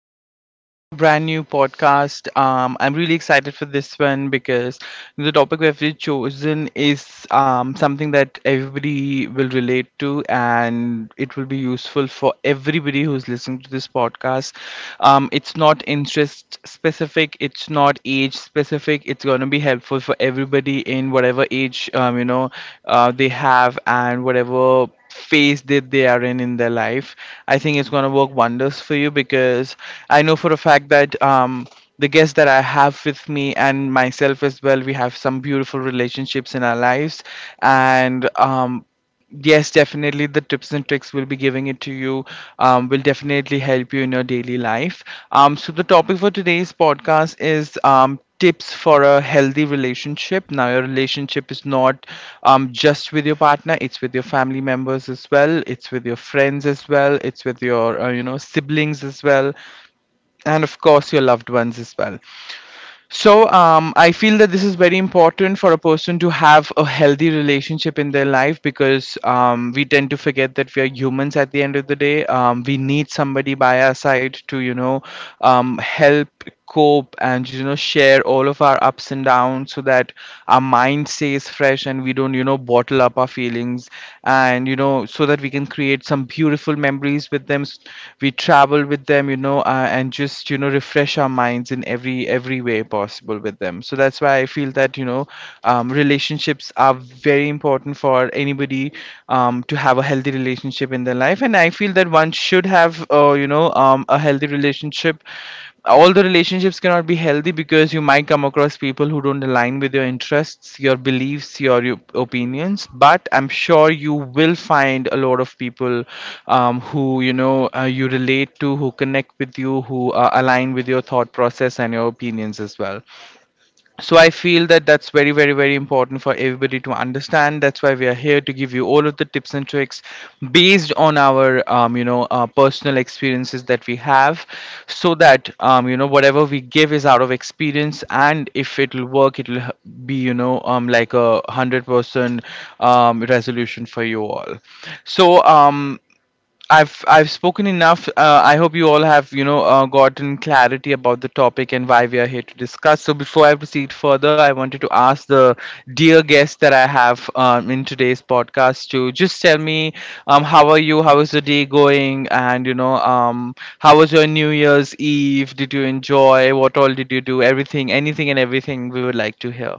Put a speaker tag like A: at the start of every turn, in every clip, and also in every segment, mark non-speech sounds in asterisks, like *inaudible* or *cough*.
A: everyone, welcome to my brand new podcast. I'm really excited for this one because the topic that we've chosen is something that everybody will relate to and it will be useful for everybody who's listening to this podcast. It's not interest specific, it's not age specific, it's going to be helpful for everybody in whatever age they have and whatever phase that they are in their life. I think it's going to work wonders for you because I know for a fact that the guests that I have with me and myself as well, we have some beautiful relationships in our lives, and yes, definitely the tips and tricks will be giving it to you will definitely help you in your daily life. So, the topic for today's podcast is tips for a healthy relationship. Now, your relationship is not just with your partner; it's with your family members as well, it's with your friends as well, it's with your siblings as well, and of course your loved ones as well. So I feel that this is very important for a person to have a healthy relationship in their life because we tend to forget that we are humans at the end of the day. We need somebody by our side to help cope and share all of our ups and downs so that our mind stays fresh and we don't bottle up our feelings and so that we can create some beautiful memories with we travel with them, and just refresh our minds in every way possible with them. So that's why I feel that relationships are very important for anybody to have a healthy relationship in their life, and I feel that one should have a healthy relationship. All the relationships cannot be healthy because you might come across people who don't align with your interests, your beliefs, your opinions. But I'm sure you will find a lot of people who you know you relate to, who connect with you, who align with your thought process and your opinions as well. So I feel that that's very important for everybody to understand. That's why we are here to give you all of the tips and tricks based on our personal experiences that we have, so that whatever we give is out of experience, and if it'll work, it'll be like a 100% resolution for you all. So I've spoken enough. I hope you all have gotten clarity about the topic and why we are here to discuss. So before I proceed further, I wanted to ask the dear guest that I have in today's podcast to just tell me how are you? How is the day going? And how was your New Year's Eve? Did you enjoy? What all did you do? Everything, anything, and everything we would like to hear.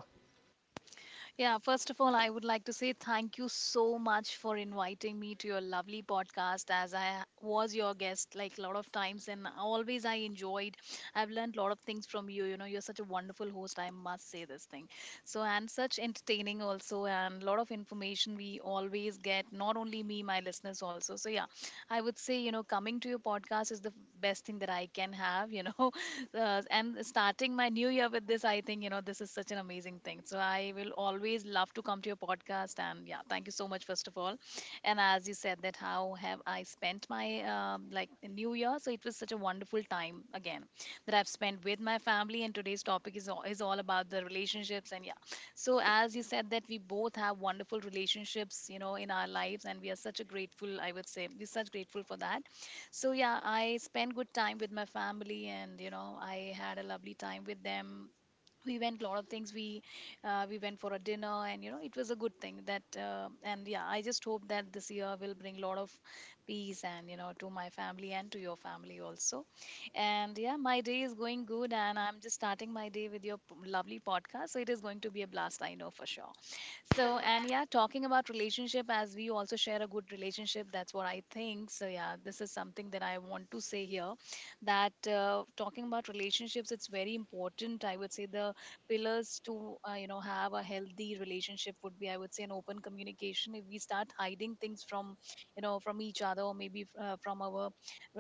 B: Yeah, first of all, I would like to say thank you so much for inviting me to your lovely podcast as I was your guest like a lot of times and always I enjoyed. I've learned a lot of things from you. You know, you're such a wonderful host, I must say this thing. So, and such entertaining also, and a lot of information we always get, not only me, my listeners also. So, yeah, I would say, you know, coming to your podcast is the best thing that I can have, *laughs* you know, *laughs* and starting my new year with this, I think, you know, this is such an amazing thing. So I will always love to come to your podcast. And yeah, thank you so much, first of all. And as you said, that how have I spent my like the new year? So it was such a wonderful time again that I've spent with my family. And today's topic is all about the relationships. And yeah, so as you said, that we both have wonderful relationships, you know, in our lives. And we are such a grateful, I would say, we're such grateful for that. So yeah, I spent good time with my family, and you know, I had a lovely time with them. We went lot of things, we went for a dinner, and you know, it was a good thing that and yeah, I just hope that this year will bring lot of peace, and you know, to my family and to your family also. And yeah, my day is going good, and I'm just starting my day with your lovely podcast, so it is going to be a blast, I know for sure. So, and yeah, talking about relationship, as we also share a good relationship, that's what I think. So yeah, this is something that I want to say here, that talking about relationships, it's very important. I would say the pillars to you know, have a healthy relationship would be, I would say, an open communication. If we start hiding things from, you know, from each other, or maybe from our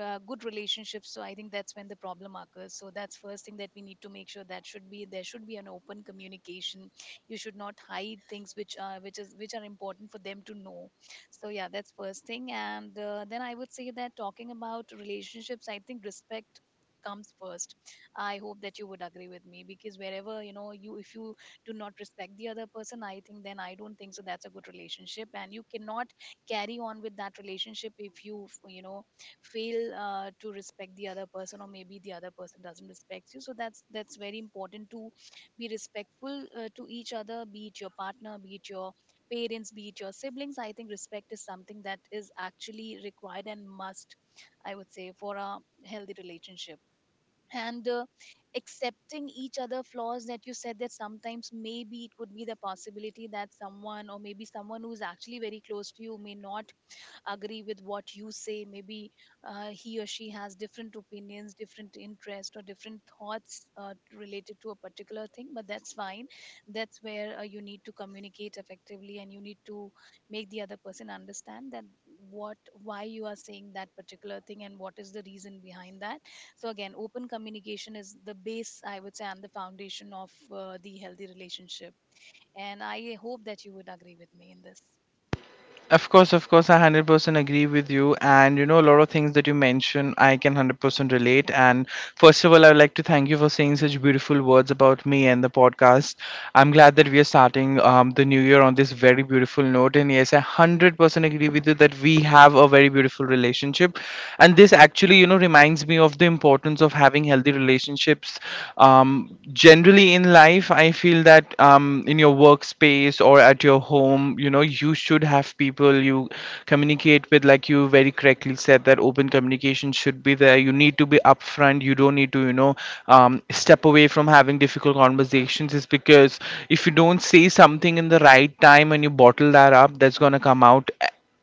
B: good relationships, so I think that's when the problem occurs. So that's first thing that we need to make sure, that should be there, should be an open communication. You should not hide things which are, which are important for them to know. So yeah, that's first thing. And then I would say that talking about relationships, I think respect comes first. I hope that you would agree with me, because wherever, you know, you, if you do not respect the other person, I think then I don't think so that's a good relationship, and you cannot carry on with that relationship if you you know, fail to respect the other person, or maybe the other person doesn't respect you. So that's very important to be respectful to each other, be it your partner, be it your parents, be it your siblings. I think respect is something that is actually required and must, I would say, for a healthy relationship. And accepting each other flaws, that you said, that sometimes maybe it could be the possibility that someone, or maybe someone who's actually very close to you, may not agree with what you say. Maybe he or she has different opinions, different interests, or different thoughts related to a particular thing, but that's fine. That's where you need to communicate effectively, and you need to make the other person understand that what, why you are saying that particular thing and what is the reason behind that. So again, open communication is the base, I would say, and the foundation of the healthy relationship. And I hope that you would agree with me in this.
A: Of course, I 100% agree with you. And you know, a lot of things that you mentioned, I can 100% relate. And first of all, I would like to thank you for saying such beautiful words about me and the podcast. I'm glad that we are starting the new year on this very beautiful note. And yes, I 100% agree with you that we have a very beautiful relationship. And this actually, you know, reminds me of the importance of having healthy relationships. Generally in life, I feel that in your workspace or at your home, you know, you should have people you communicate with. Like you very correctly said, that open communication should be there. You need to be upfront. You don't need to, you know, step away from having difficult conversations. Is because if you don't say something in the right time and you bottle that up, that's gonna come out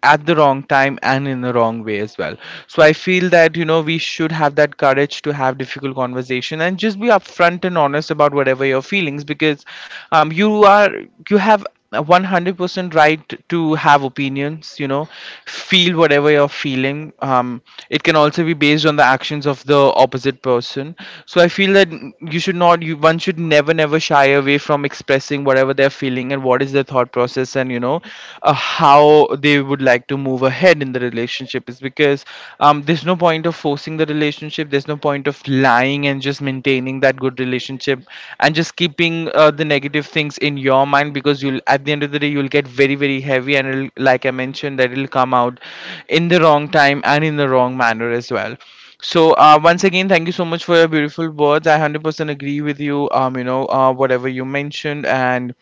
A: at the wrong time and in the wrong way as well. So I feel that you know we should have that courage to have difficult conversation and just be upfront and honest about whatever your feelings, because you are, you have a 100% right to have opinions, you know, feel whatever you're feeling. It can also be based on the actions of the opposite person. So I feel that you should not you one should never shy away from expressing whatever they're feeling and what is their thought process, and you know, on you know how they would like to move ahead in the relationship. Is because there's no point of forcing the relationship, there's no point of lying and just maintaining that good relationship and just keeping the negative things in your mind, because you'll at the end of the day you'll get very heavy and it'll, like I mentioned that it'll come out in the wrong time and in the wrong manner as well. So once again thank you so much for your beautiful words. I 100% agree with you, you know, whatever you mentioned. and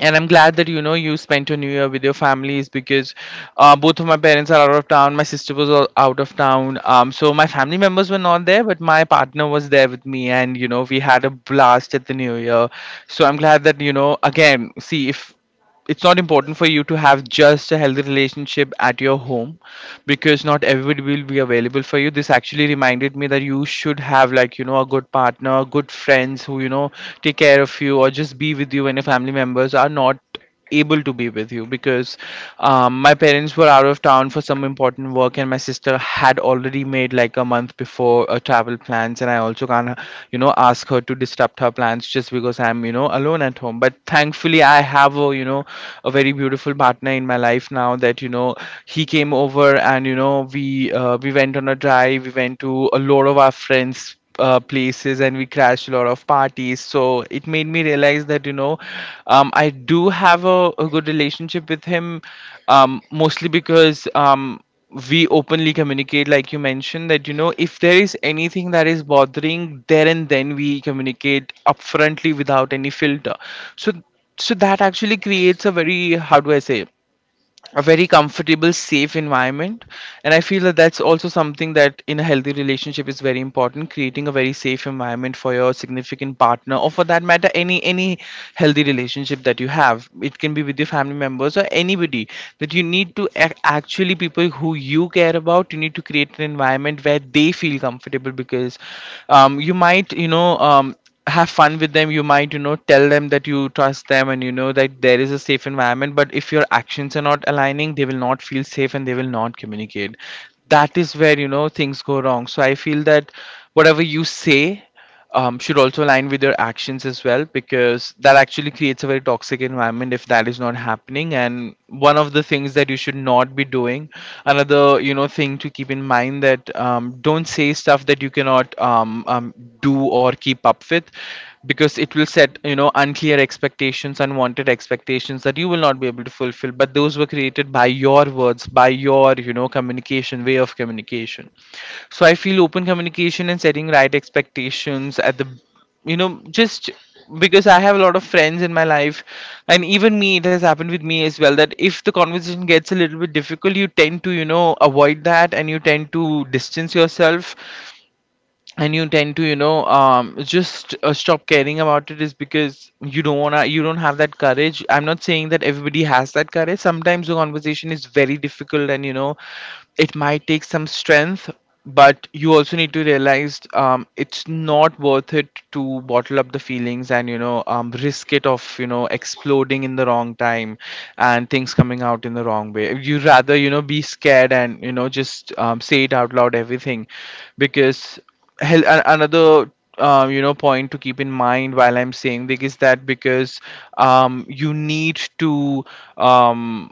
A: and I'm glad that you know you spent your new year with your families, because both of my parents are out of town, my sister was all out of town, so my family members were not there, but my partner was there with me, and you know we had a blast at the new year. So I'm glad that you know, again, see, if it's not important for you to have just a healthy relationship at your home, because not everybody will be available for you, this actually reminded me that you should have, like you know, a good partner, good friends who you know take care of you or just be with you when your family members are not able to be with you, because my parents were out of town for some important work and my sister had already made like a month before travel plans and I also can't you know ask her to disrupt her plans just because I'm you know alone at home. But thankfully I have a you know a very beautiful partner in my life now, that you know he came over and you know we went on a drive, we went to a lot of our friends places and we crashed a lot of parties. So it made me realize that you know I do have a good relationship with him, mostly because we openly communicate, like you mentioned, that you know if there is anything that is bothering, there and then we communicate upfrontly without any filter. So so that actually creates a very, how do I say, a very comfortable safe environment. And I feel that that's also something, that in a healthy relationship is very important, creating a very safe environment for your significant partner or for that matter any healthy relationship that you have. It can be with your family members or anybody, that you need to actually, people who you care about, you need to create an environment where they feel comfortable, because you might you know have fun with them, you might you know tell them that you trust them and you know that there is a safe environment, but if your actions are not aligning, they will not feel safe and they will not communicate. That is where you know things go wrong. So I feel that whatever you say should also align with your actions as well, because that actually creates a very toxic environment if that is not happening. And one of the things that you should not be doing, another you know thing to keep in mind, that don't say stuff that you cannot do or keep up with, because it will set you know unclear expectations, unwanted expectations that you will not be able to fulfill, but those were created by your words, by your you know communication, way of communication. So I feel open communication and setting right expectations at the you know, just, because I have a lot of friends in my life, and even me, it has happened with me as well, that if the conversation gets a little bit difficult, you tend to you know avoid that, and you tend to distance yourself, and you tend to you know just stop caring about it. Is because you don't want to, you don't have that courage. I'm not saying that everybody has that courage. Sometimes the conversation is very difficult, and it might take some strength, but you also need to realize it's not worth it to bottle up the feelings and risk it of exploding in the wrong time and things coming out in the wrong way. You rather be scared and you know just say it out loud everything because another point to keep in mind while I'm saying this is that because you need to um,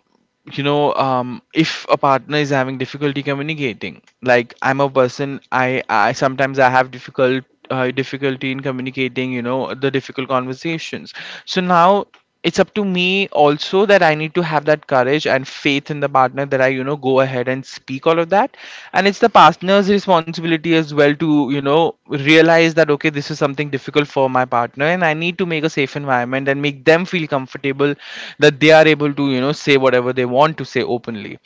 A: if a partner is having difficulty communicating. Like I'm a person, I sometimes I have difficulty in communicating the difficult conversations. So now it's up to me also that I need to have that courage and faith in the partner, that I, go ahead and speak all of that. And it's the partner's responsibility as well to, realize that, okay, this is something difficult for my partner and I need to make a safe environment and make them feel comfortable, that they are able to, say whatever they want to say openly.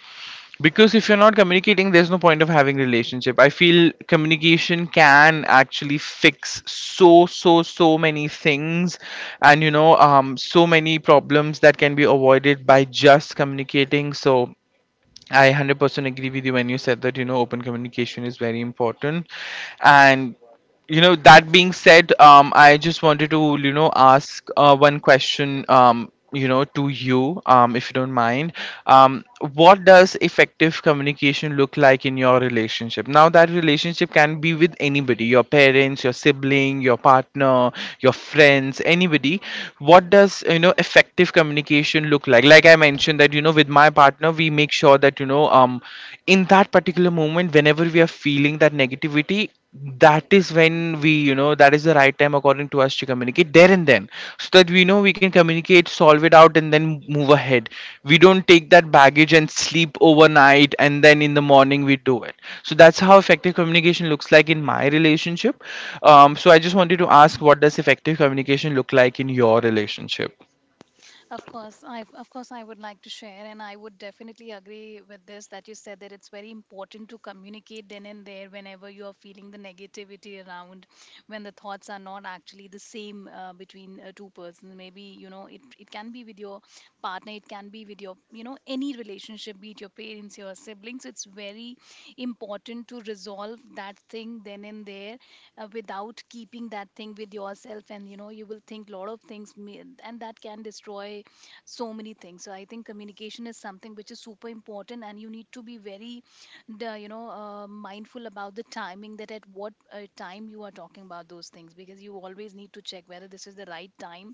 A: Because if you're not communicating, there's no point of having relationship. I feel communication can actually fix so many things, and so many problems that can be avoided by just communicating. So I 100% agree with you when you said that open communication is very important. And that being said, I just wanted to ask one question, to you, if you don't mind. um what does effective communication look like in your relationship? Now, that relationship can be with anybody: your parents, your sibling, your partner, your friends, anybody. What does effective communication look like? Like I mentioned that with my partner, we make sure that in that particular moment, whenever we are feeling that negativity, that is when we that is the right time according to us to communicate there and then, so that we know we can communicate, solve it out, and then move ahead. We don't take that baggage and sleep overnight and then in the morning we do it. So that's how effective communication looks like in my relationship. So I just wanted to ask, what does effective communication look like in your relationship?
B: Of course I would like to share, and I would definitely agree with this that you said, that it's very important to communicate then and there whenever you are feeling the negativity around, when the thoughts are not actually the same between two persons. Maybe, you know, it can be with your partner, it can be with your, you know, any relationship, be it your parents, your siblings. It's very important to resolve that thing then and there without keeping that thing with yourself, and you know, you will think lot of things and that can destroy so many things. So I think communication is something which is super important, and you need to be very, the you know mindful about the timing, that at what time you are talking about those things, because you always need to check whether this is the right time,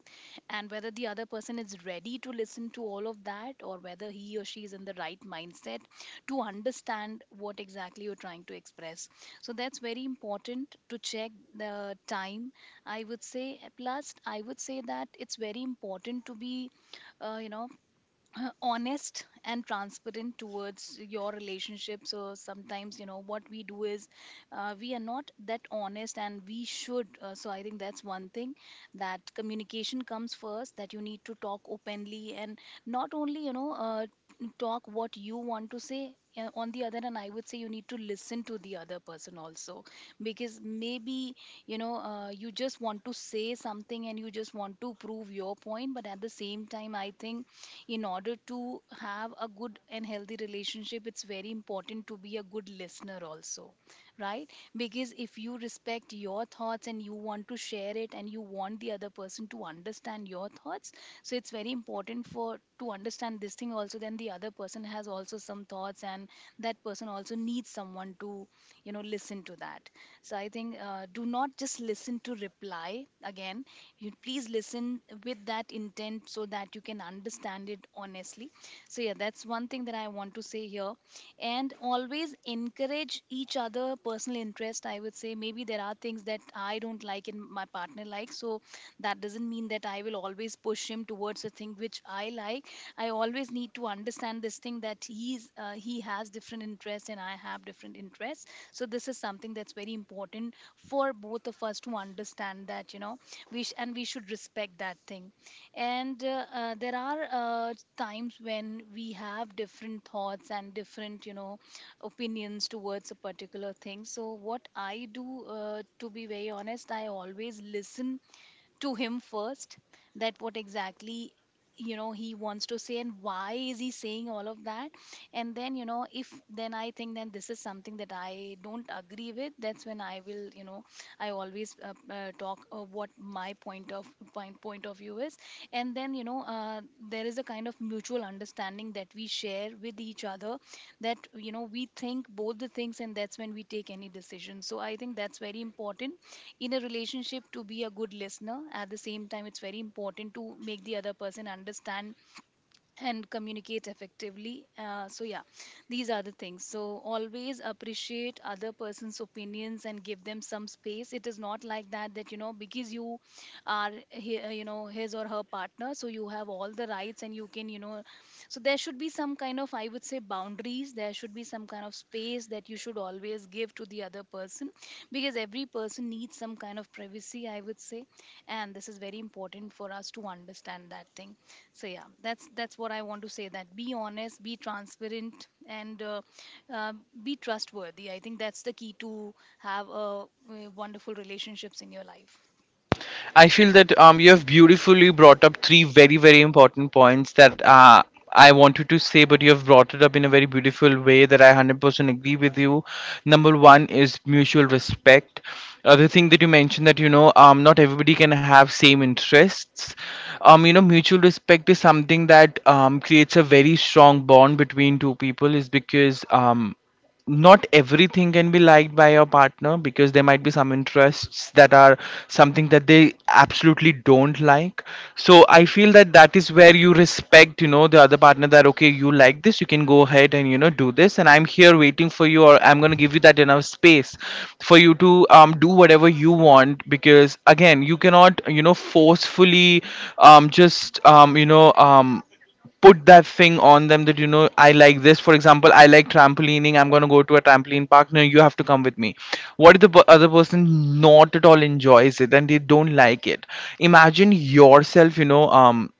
B: and whether the other person is ready to listen to all of that, or whether he or she is in the right mindset to understand what exactly you're trying to express. So that's very important to check the time, I would say. Plus I would say that it's very important to be uh, you know honest and transparent towards your relationship. So sometimes, you know what we do is, we are not that honest, and we should. So I think that's one thing, that communication comes first, that you need to talk openly, and not only, you know, talk what you want to say. On the other hand, I would say you need to listen to the other person also, because maybe, you know, you just want to say something and you just want to prove your point, but at the same time I think in order to have a good and healthy relationship, it's very important to be a good listener also, right? Because if you respect your thoughts, and you want to share it, and you want the other person to understand your thoughts, so it's very important for to understand this thing also, then the other person has also some thoughts, and that person also needs someone to, you know, listen to that. So I think, do not just listen to reply again. You please listen with that intent, so that you can understand it honestly. So yeah, that's one thing that I want to say here. And always encourage each other personal interest, I would say. Maybe there are things that I don't like and my partner likes, so that doesn't mean that I will always push him towards a thing which I like. I always need to understand this thing, that he has different interests and I have different interests. So this is something that's very important for both of us to understand, that you know, and we should respect that thing. And uh, uh, there are uh, times when we have different thoughts and different, you know, opinions towards a particular thing. So what I do, to be very honest, I always listen to him first, that what exactly, you know, he wants to say and why is he saying all of that. And then, you know, if then I think that this is something that I don't agree with, that's when I will, you know, I always talk what my point of view is. And then, you know, there is a kind of mutual understanding that we share with each other, that you know, we think both the things, and that's when we take any decision. So I think that's very important in a relationship, to be a good listener. At the same time, it's very important to make the other person understand and communicate effectively. So yeah, these are the things. So always appreciate other person's opinions, and give them some space. It is not like that, you know, because you are, you know, his or her partner, so you have all the rights, and you can, you know. So there should be some kind of, I would say, boundaries, there should be some kind of space that you should always give to the other person, because every person needs some kind of privacy, I would say. And this is very important for us to understand that thing. So yeah, that's what I want to say, that be honest, be transparent, and uh, be trustworthy. I think that's the key to have wonderful relationships in your life.
A: I feel that you have beautifully brought up three very, very important points that I wanted to say, but you have brought it up in a very beautiful way that I 100% agree with you. Number one is mutual respect. Other thing that you mentioned that not everybody can have same interests. Mutual respect is something that creates a very strong bond between two people, is because not everything can be liked by your partner, because there might be some interests that are something that they absolutely don't like. So I feel that that is where you respect the other partner, that okay, you like this, you can go ahead and do this, and I'm here waiting for you, or I'm going to give you that enough space for you to do whatever you want. Because again, you cannot forcefully just you know put that thing on them, that you know, I like this. For example, I like trampolining. I'm gonna go to a trampoline park. No, you have to come with me. What if the other person not at all enjoys it and they don't like it? Imagine yourself,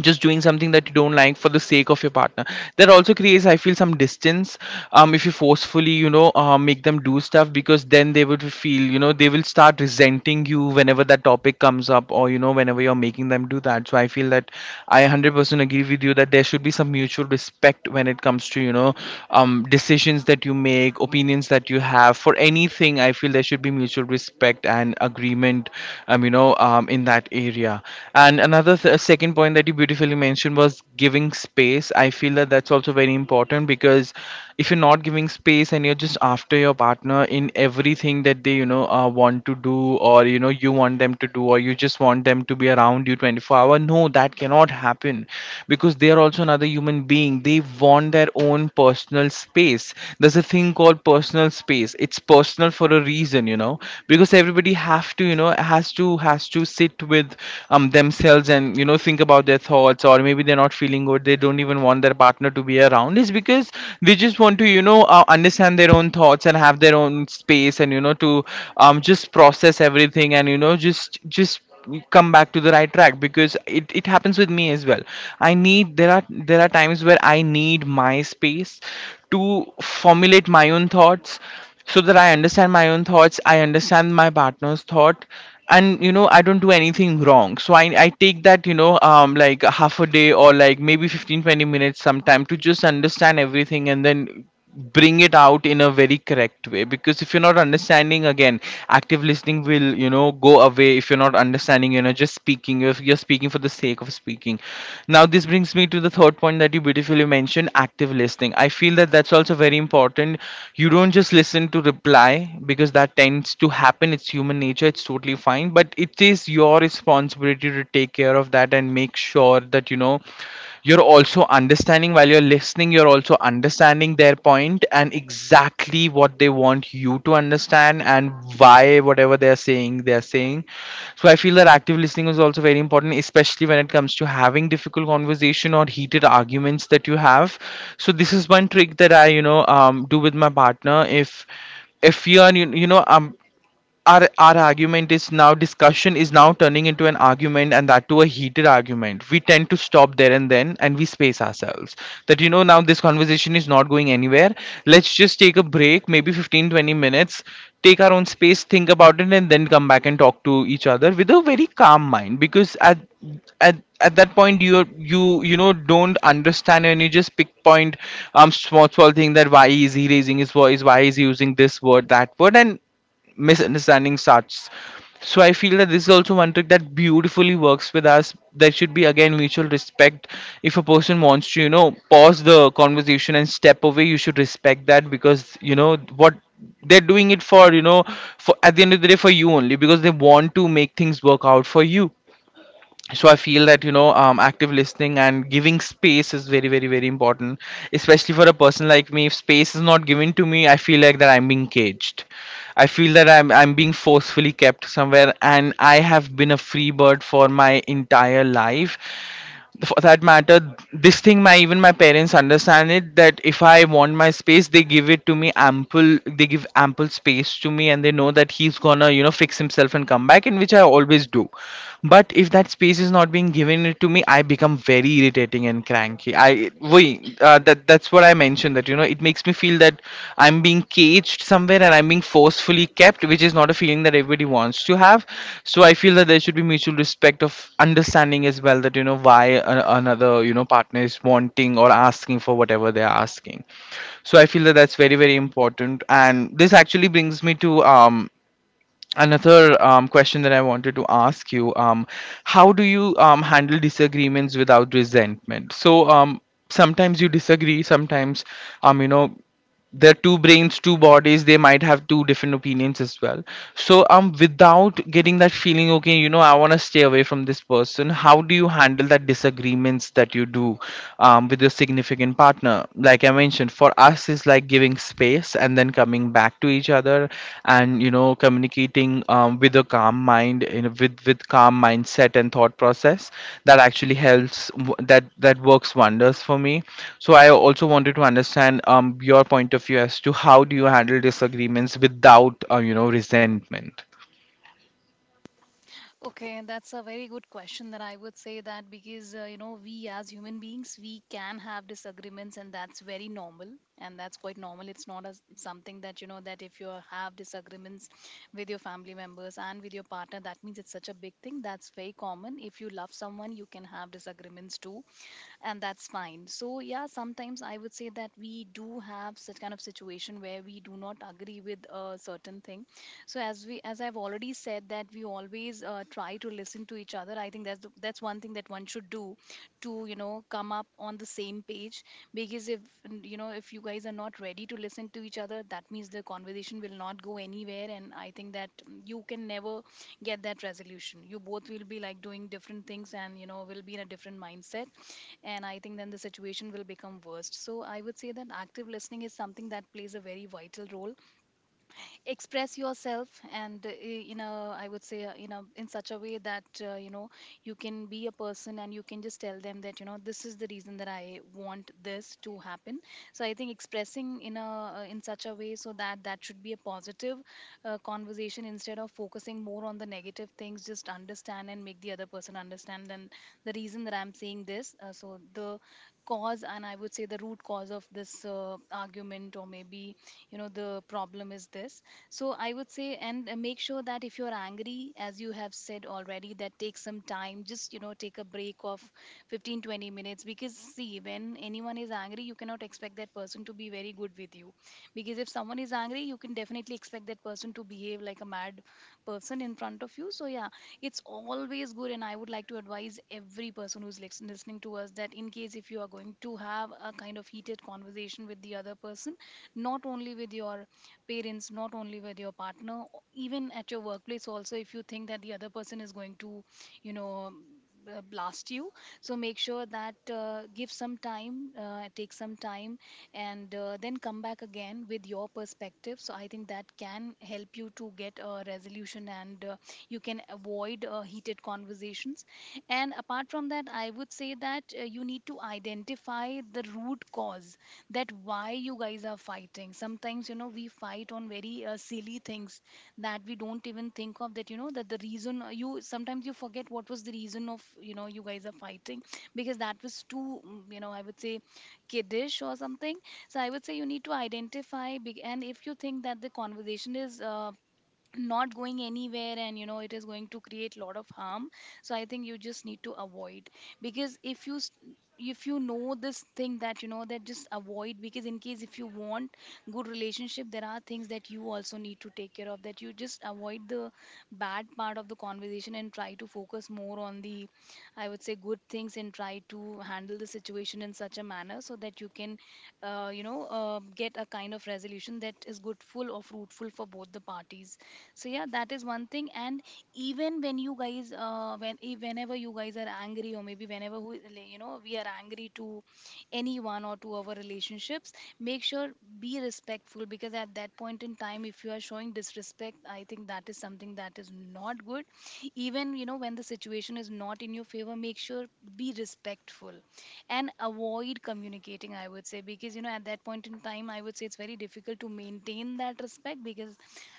A: just doing something that you don't like for the sake of your partner. That also creates, I feel, some distance. If you forcefully make them do stuff, because then they would feel, you know, they will start resenting you whenever that topic comes up or whenever you're making them do that. So I feel that I 100% agree with you that there should be some mutual respect when it comes to decisions that you make, opinions that you have for anything. I feel there should be mutual respect and agreement in that area. And second point that you beautifully mentioned was giving space. I feel that that's also very important, because if you're not giving space and you're just after your partner in everything that they, want to do, or, you want them to do, or you just want them to be around you 24-hour, no, that cannot happen. Because they are also another human being. They want their own personal space. There's a thing called personal space. It's personal for a reason, you know, because everybody have to, you know, has to sit with themselves and think about their thoughts. Or maybe they're not feeling good, they don't even want their partner to be around, is because they just want to understand their own thoughts and have their own space and you know to just process everything and you know, just come back to the right track. Because it happens with me as well. I need, there are times where I need my space to formulate my own thoughts, so that I understand my own thoughts, I understand my partner's thought, and you know, I don't do anything wrong. So I take that, you know, like a half a day or like maybe fifteen twenty 20 minutes sometime, to just understand everything and then bring it out in a very correct way. Because if you're not understanding again, active listening will, you know, go away. If you're not understanding, you know, just speaking, you're speaking for the sake of speaking. Now this brings me to the third point that you beautifully mentioned: active listening. I feel that that's also very important. You don't just listen to reply, because that tends to happen, it's human nature, it's totally fine, but it is your responsibility to take care of that and make sure that you know you're also understanding. While you're listening, you're also understanding their point and exactly what they want you to understand, and why whatever they're saying they're saying. So I feel that active listening is also very important, especially when it comes to having difficult conversation or heated arguments that you have. So this is one trick that I, you know, do with my partner. If we are our argument is now, discussion is now turning into an argument, and that to a heated argument, we tend to stop there and then and we space ourselves. That you know, now this conversation is not going anywhere, let's just take a break, maybe 15-20 minutes, take our own space, think about it, and then come back and talk to each other with a very calm mind. Because at at that point, you you know, don't understand and you just pick point small thing. That why is he raising his voice, why is he using this word, that word, and misunderstanding starts. So I feel that this is also one trick that beautifully works with us. There should be again mutual respect. If a person wants to, pause the conversation and step away, you should respect that because you know what they're doing it for, at the end of the day, for you only, because they want to make things work out for you. So I feel that active listening and giving space is very, very, very important, especially for a person like me. If space is not given to me, I feel like that I'm being caged. I feel that I'm being forcefully kept somewhere, and I have been a free bird for my entire life, for that matter. This thing, my even my parents understand it, that if I want my space, they give it to me, ample. They give ample space to me, and they know that he's gonna, fix himself and come back, and which I always do. But if that space is not being given it to me, I become very irritating and cranky. I we That's what I mentioned, that it makes me feel that I'm being caged somewhere, and I'm being forcefully kept, which is not a feeling that everybody wants to have. So I feel that there should be mutual respect, of understanding as well, that why another partner is wanting or asking for whatever they're asking. So I feel that that's very, very important, and this actually brings me to another question that I wanted to ask you. How do you handle disagreements without resentment? So sometimes you disagree. Sometimes, um you know they're two brains, two bodies, they might have two different opinions as well. So without getting that feeling, okay, I want to stay away from this person, how do you handle that disagreements that you do with your significant partner? Like I mentioned, for us is like giving space, and then coming back to each other, and communicating, with a calm mind, with calm mindset and thought process. That actually helps. That works wonders for me. So I also wanted to understand, your point of view as to how do you handle disagreements without resentment.
B: Okay, that's a very good question that I would say, that because you know, we as human beings, we can have disagreements, and that's very normal, and that's quite normal. It's not as something that, you know, that if you have disagreements with your family members and with your partner, that means it's such a big thing. That's very common. If you love Someone you can have disagreements too, and that's fine. So yeah, sometimes I would say that we do have such kind of situation where we do not agree with a certain thing. So as I've already said that we always try to listen to each other. I think that's one thing that one should do, to come up on the same page. Because if if you guys are not ready to listen to each other, that means the conversation will not go anywhere. And I think that you can never get that resolution. You both will be like doing different things, and you know, will be in a different mindset. And I think then the situation will become worse. So I would say that active listening is something that plays a very vital role. Express yourself, and you know, I would say in a in such a way that you know, you can be a person and you can just tell them that you know, this is the reason that I want this to happen. So I think expressing in a in such a way, so that that should be a positive conversation, instead of focusing more on the negative things. Just understand and make the other person understand then the reason that I'm saying this. So the Cause, and I would say the root cause of this, argument, or maybe you know, the problem is this. So I would say, and make sure that if you're angry, as you have said already, that take some time, just you know, take a break of 15-20 minutes, because see, when anyone is angry, you cannot expect that person to be very good with you. Because if someone is angry, you can definitely expect that person to behave like a mad person in front of you. So yeah, it's always good. And I would like to advise every person who's listening to us, that in case if you are going to have a kind of heated conversation with the other person, not only with your parents, not only with your partner, even at your workplace also, if you think that the other person is going to, you know, um, blast you. So make sure that give some time, take some time, and then come back again with your perspective. So I think that can help you to get a resolution, and you can avoid heated conversations. And apart from that, I would say that you need to identify the root cause, that why you guys are fighting. Sometimes you know, we fight on very silly things that we don't even think of, that you know, that the reason you sometimes you forget what was the reason of you know, you guys are fighting, because that was too you know, I would say kiddish or something. So I would say you need to identify big. And if you think that the conversation is not going anywhere, and you know it is going to create lot of harm, so I think you just need to avoid. Because if you know this thing, that you know, that just avoid, because in case if you want good relationship, there are things that you also need to take care of, that you just avoid the bad part of the conversation and try to focus more on the, I would say, good things, and try to handle the situation in such a manner so that you can get a kind of resolution that is good full or fruitful for both the parties. So yeah, that is one thing. And even when you guys whenever you guys are angry, or maybe whenever we, like, you know, we are angry to anyone or to our relationships, make sure be respectful, because at that point in time if you are showing disrespect, I think that is something that is not good. Even you know, when the situation is not in your favor, make sure be respectful and avoid communicating, I would say, because you know at that point in time, I would say it's very difficult to maintain that respect. Because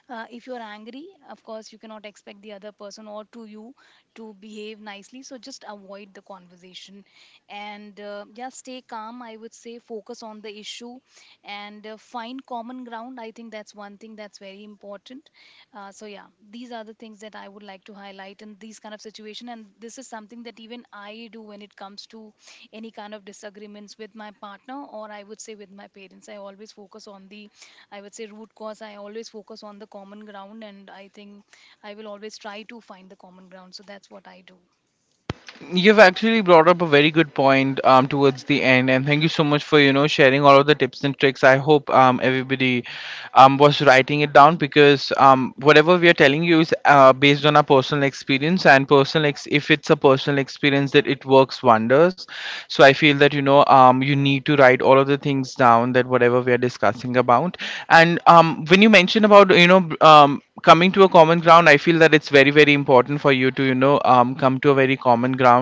B: if you're angry, of course, you cannot expect the other person or to you to behave nicely. So just avoid the conversation, and just stay calm. I would say focus on the issue, and find common ground. I think that's one thing that's very important. So yeah, these are the things that I would like to highlight in these kind of situation. And this is something that even I do when it comes to any kind of disagreements with my partner, or I would say with my parents. I always focus on the, I would say, root cause. I always focus on the common ground, and I think I will always try to find the common ground. So that's what I do.
A: You've actually brought up a very good point towards the end, and thank you so much for sharing all of the tips and tricks. I hope everybody was writing it down, because whatever we are telling you is based on our personal experience, and if it's a personal experience that it works wonders. So I feel that you need to write all of the things down, that whatever we are discussing about. And when you mention about coming to a common ground, I feel that it's very, very important for you to come to a very common ground.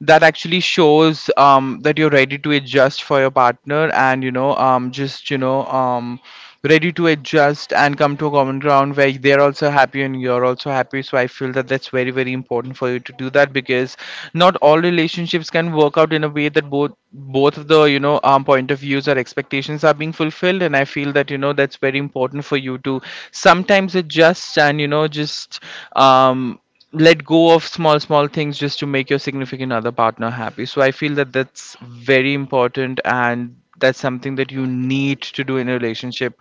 A: That actually shows that you're ready to adjust for your partner, and just ready to adjust and come to a common ground where they're also happy and you're also happy. So I feel that that's very, very important for you to do that, because not all relationships can work out in a way that both of the, point of views or expectations are being fulfilled. And I feel that that's very important for you to sometimes adjust and just um let go of small small things, just to make your significant other partner happy. So I feel that that's very important, and that's something that you need to do in a relationship,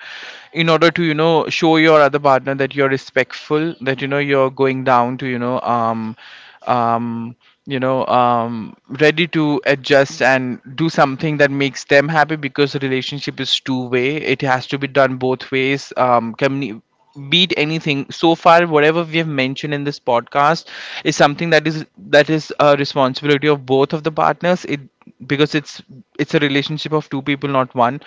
A: in order to show your other partner that you're respectful, that you're going down to um you know um, ready to adjust and do something that makes them happy, because a relationship is two way, it has to be done both ways. Beat anything so far, whatever we have mentioned in this podcast, is something that is a responsibility of both of the partners. It, because it's a relationship of two people, not one.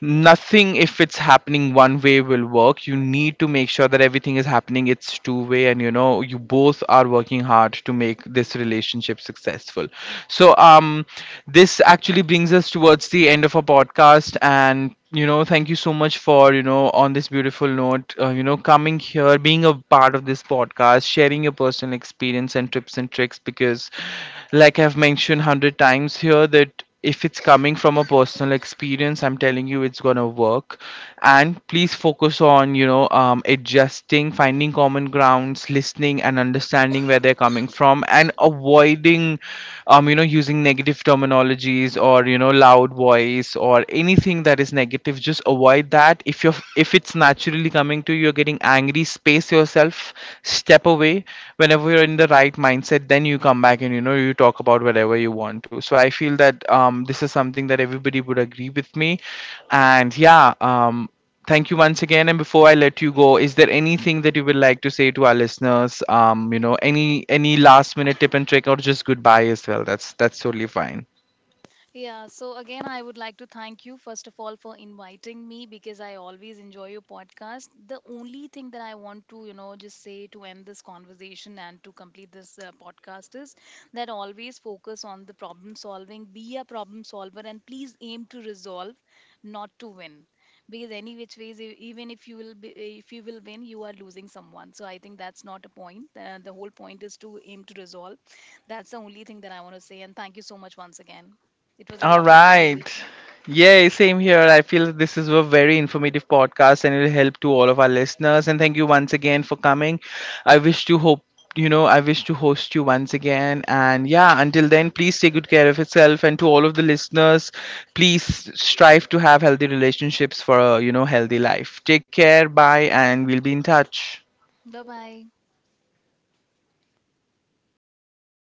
A: Nothing, if it's happening one way, will work. You need to make sure that everything is happening, it's two way, and you both are working hard to make this relationship successful. So this actually brings us towards the end of our podcast. And thank you so much for, on this beautiful note, coming here, being a part of this podcast, sharing your personal experience and tips and tricks, because, like I've mentioned 100 times here, that if it's coming from a personal experience, I'm telling you, it's gonna work. And please focus on adjusting, finding common grounds, listening, and understanding where they're coming from, and avoiding using negative terminologies, or loud voice, or anything that is negative. Just avoid that if you're, if it's naturally coming to you, you're getting angry, space yourself, step away. Whenever you're in the right mindset, then you come back and you talk about whatever you want to. So I feel that this is something that everybody would agree with me. And yeah, thank you once again. And before I let you go, is there anything that you would like to say to our listeners, any last minute tip and trick, or just goodbye as well? That's totally fine.
B: Yeah, so again, I would like to thank you, first of all, for inviting me, because I always enjoy your podcast. The only thing that I want to, you know, just say, to end this conversation and to complete this podcast, is that always focus on the problem solving, be a problem solver, and please aim to resolve, not to win. Because any which ways, even if you will be, if you will win, you are losing someone. So I think that's not a point. The whole point is to aim to resolve. That's the only thing that I want to say. And thank you so much once again. It was a
A: All
B: lovely
A: right.
B: conversation.
A: Yay, same here. I feel that this is a very informative podcast, and it'll help to all of our listeners. And thank you once again for coming. I wish to hope, I wish to host you once again. And yeah, until then, please take good care of yourself. And to all of the listeners, please strive to have healthy relationships for a, healthy life. Take care. Bye. And we'll be in touch.
B: Bye bye.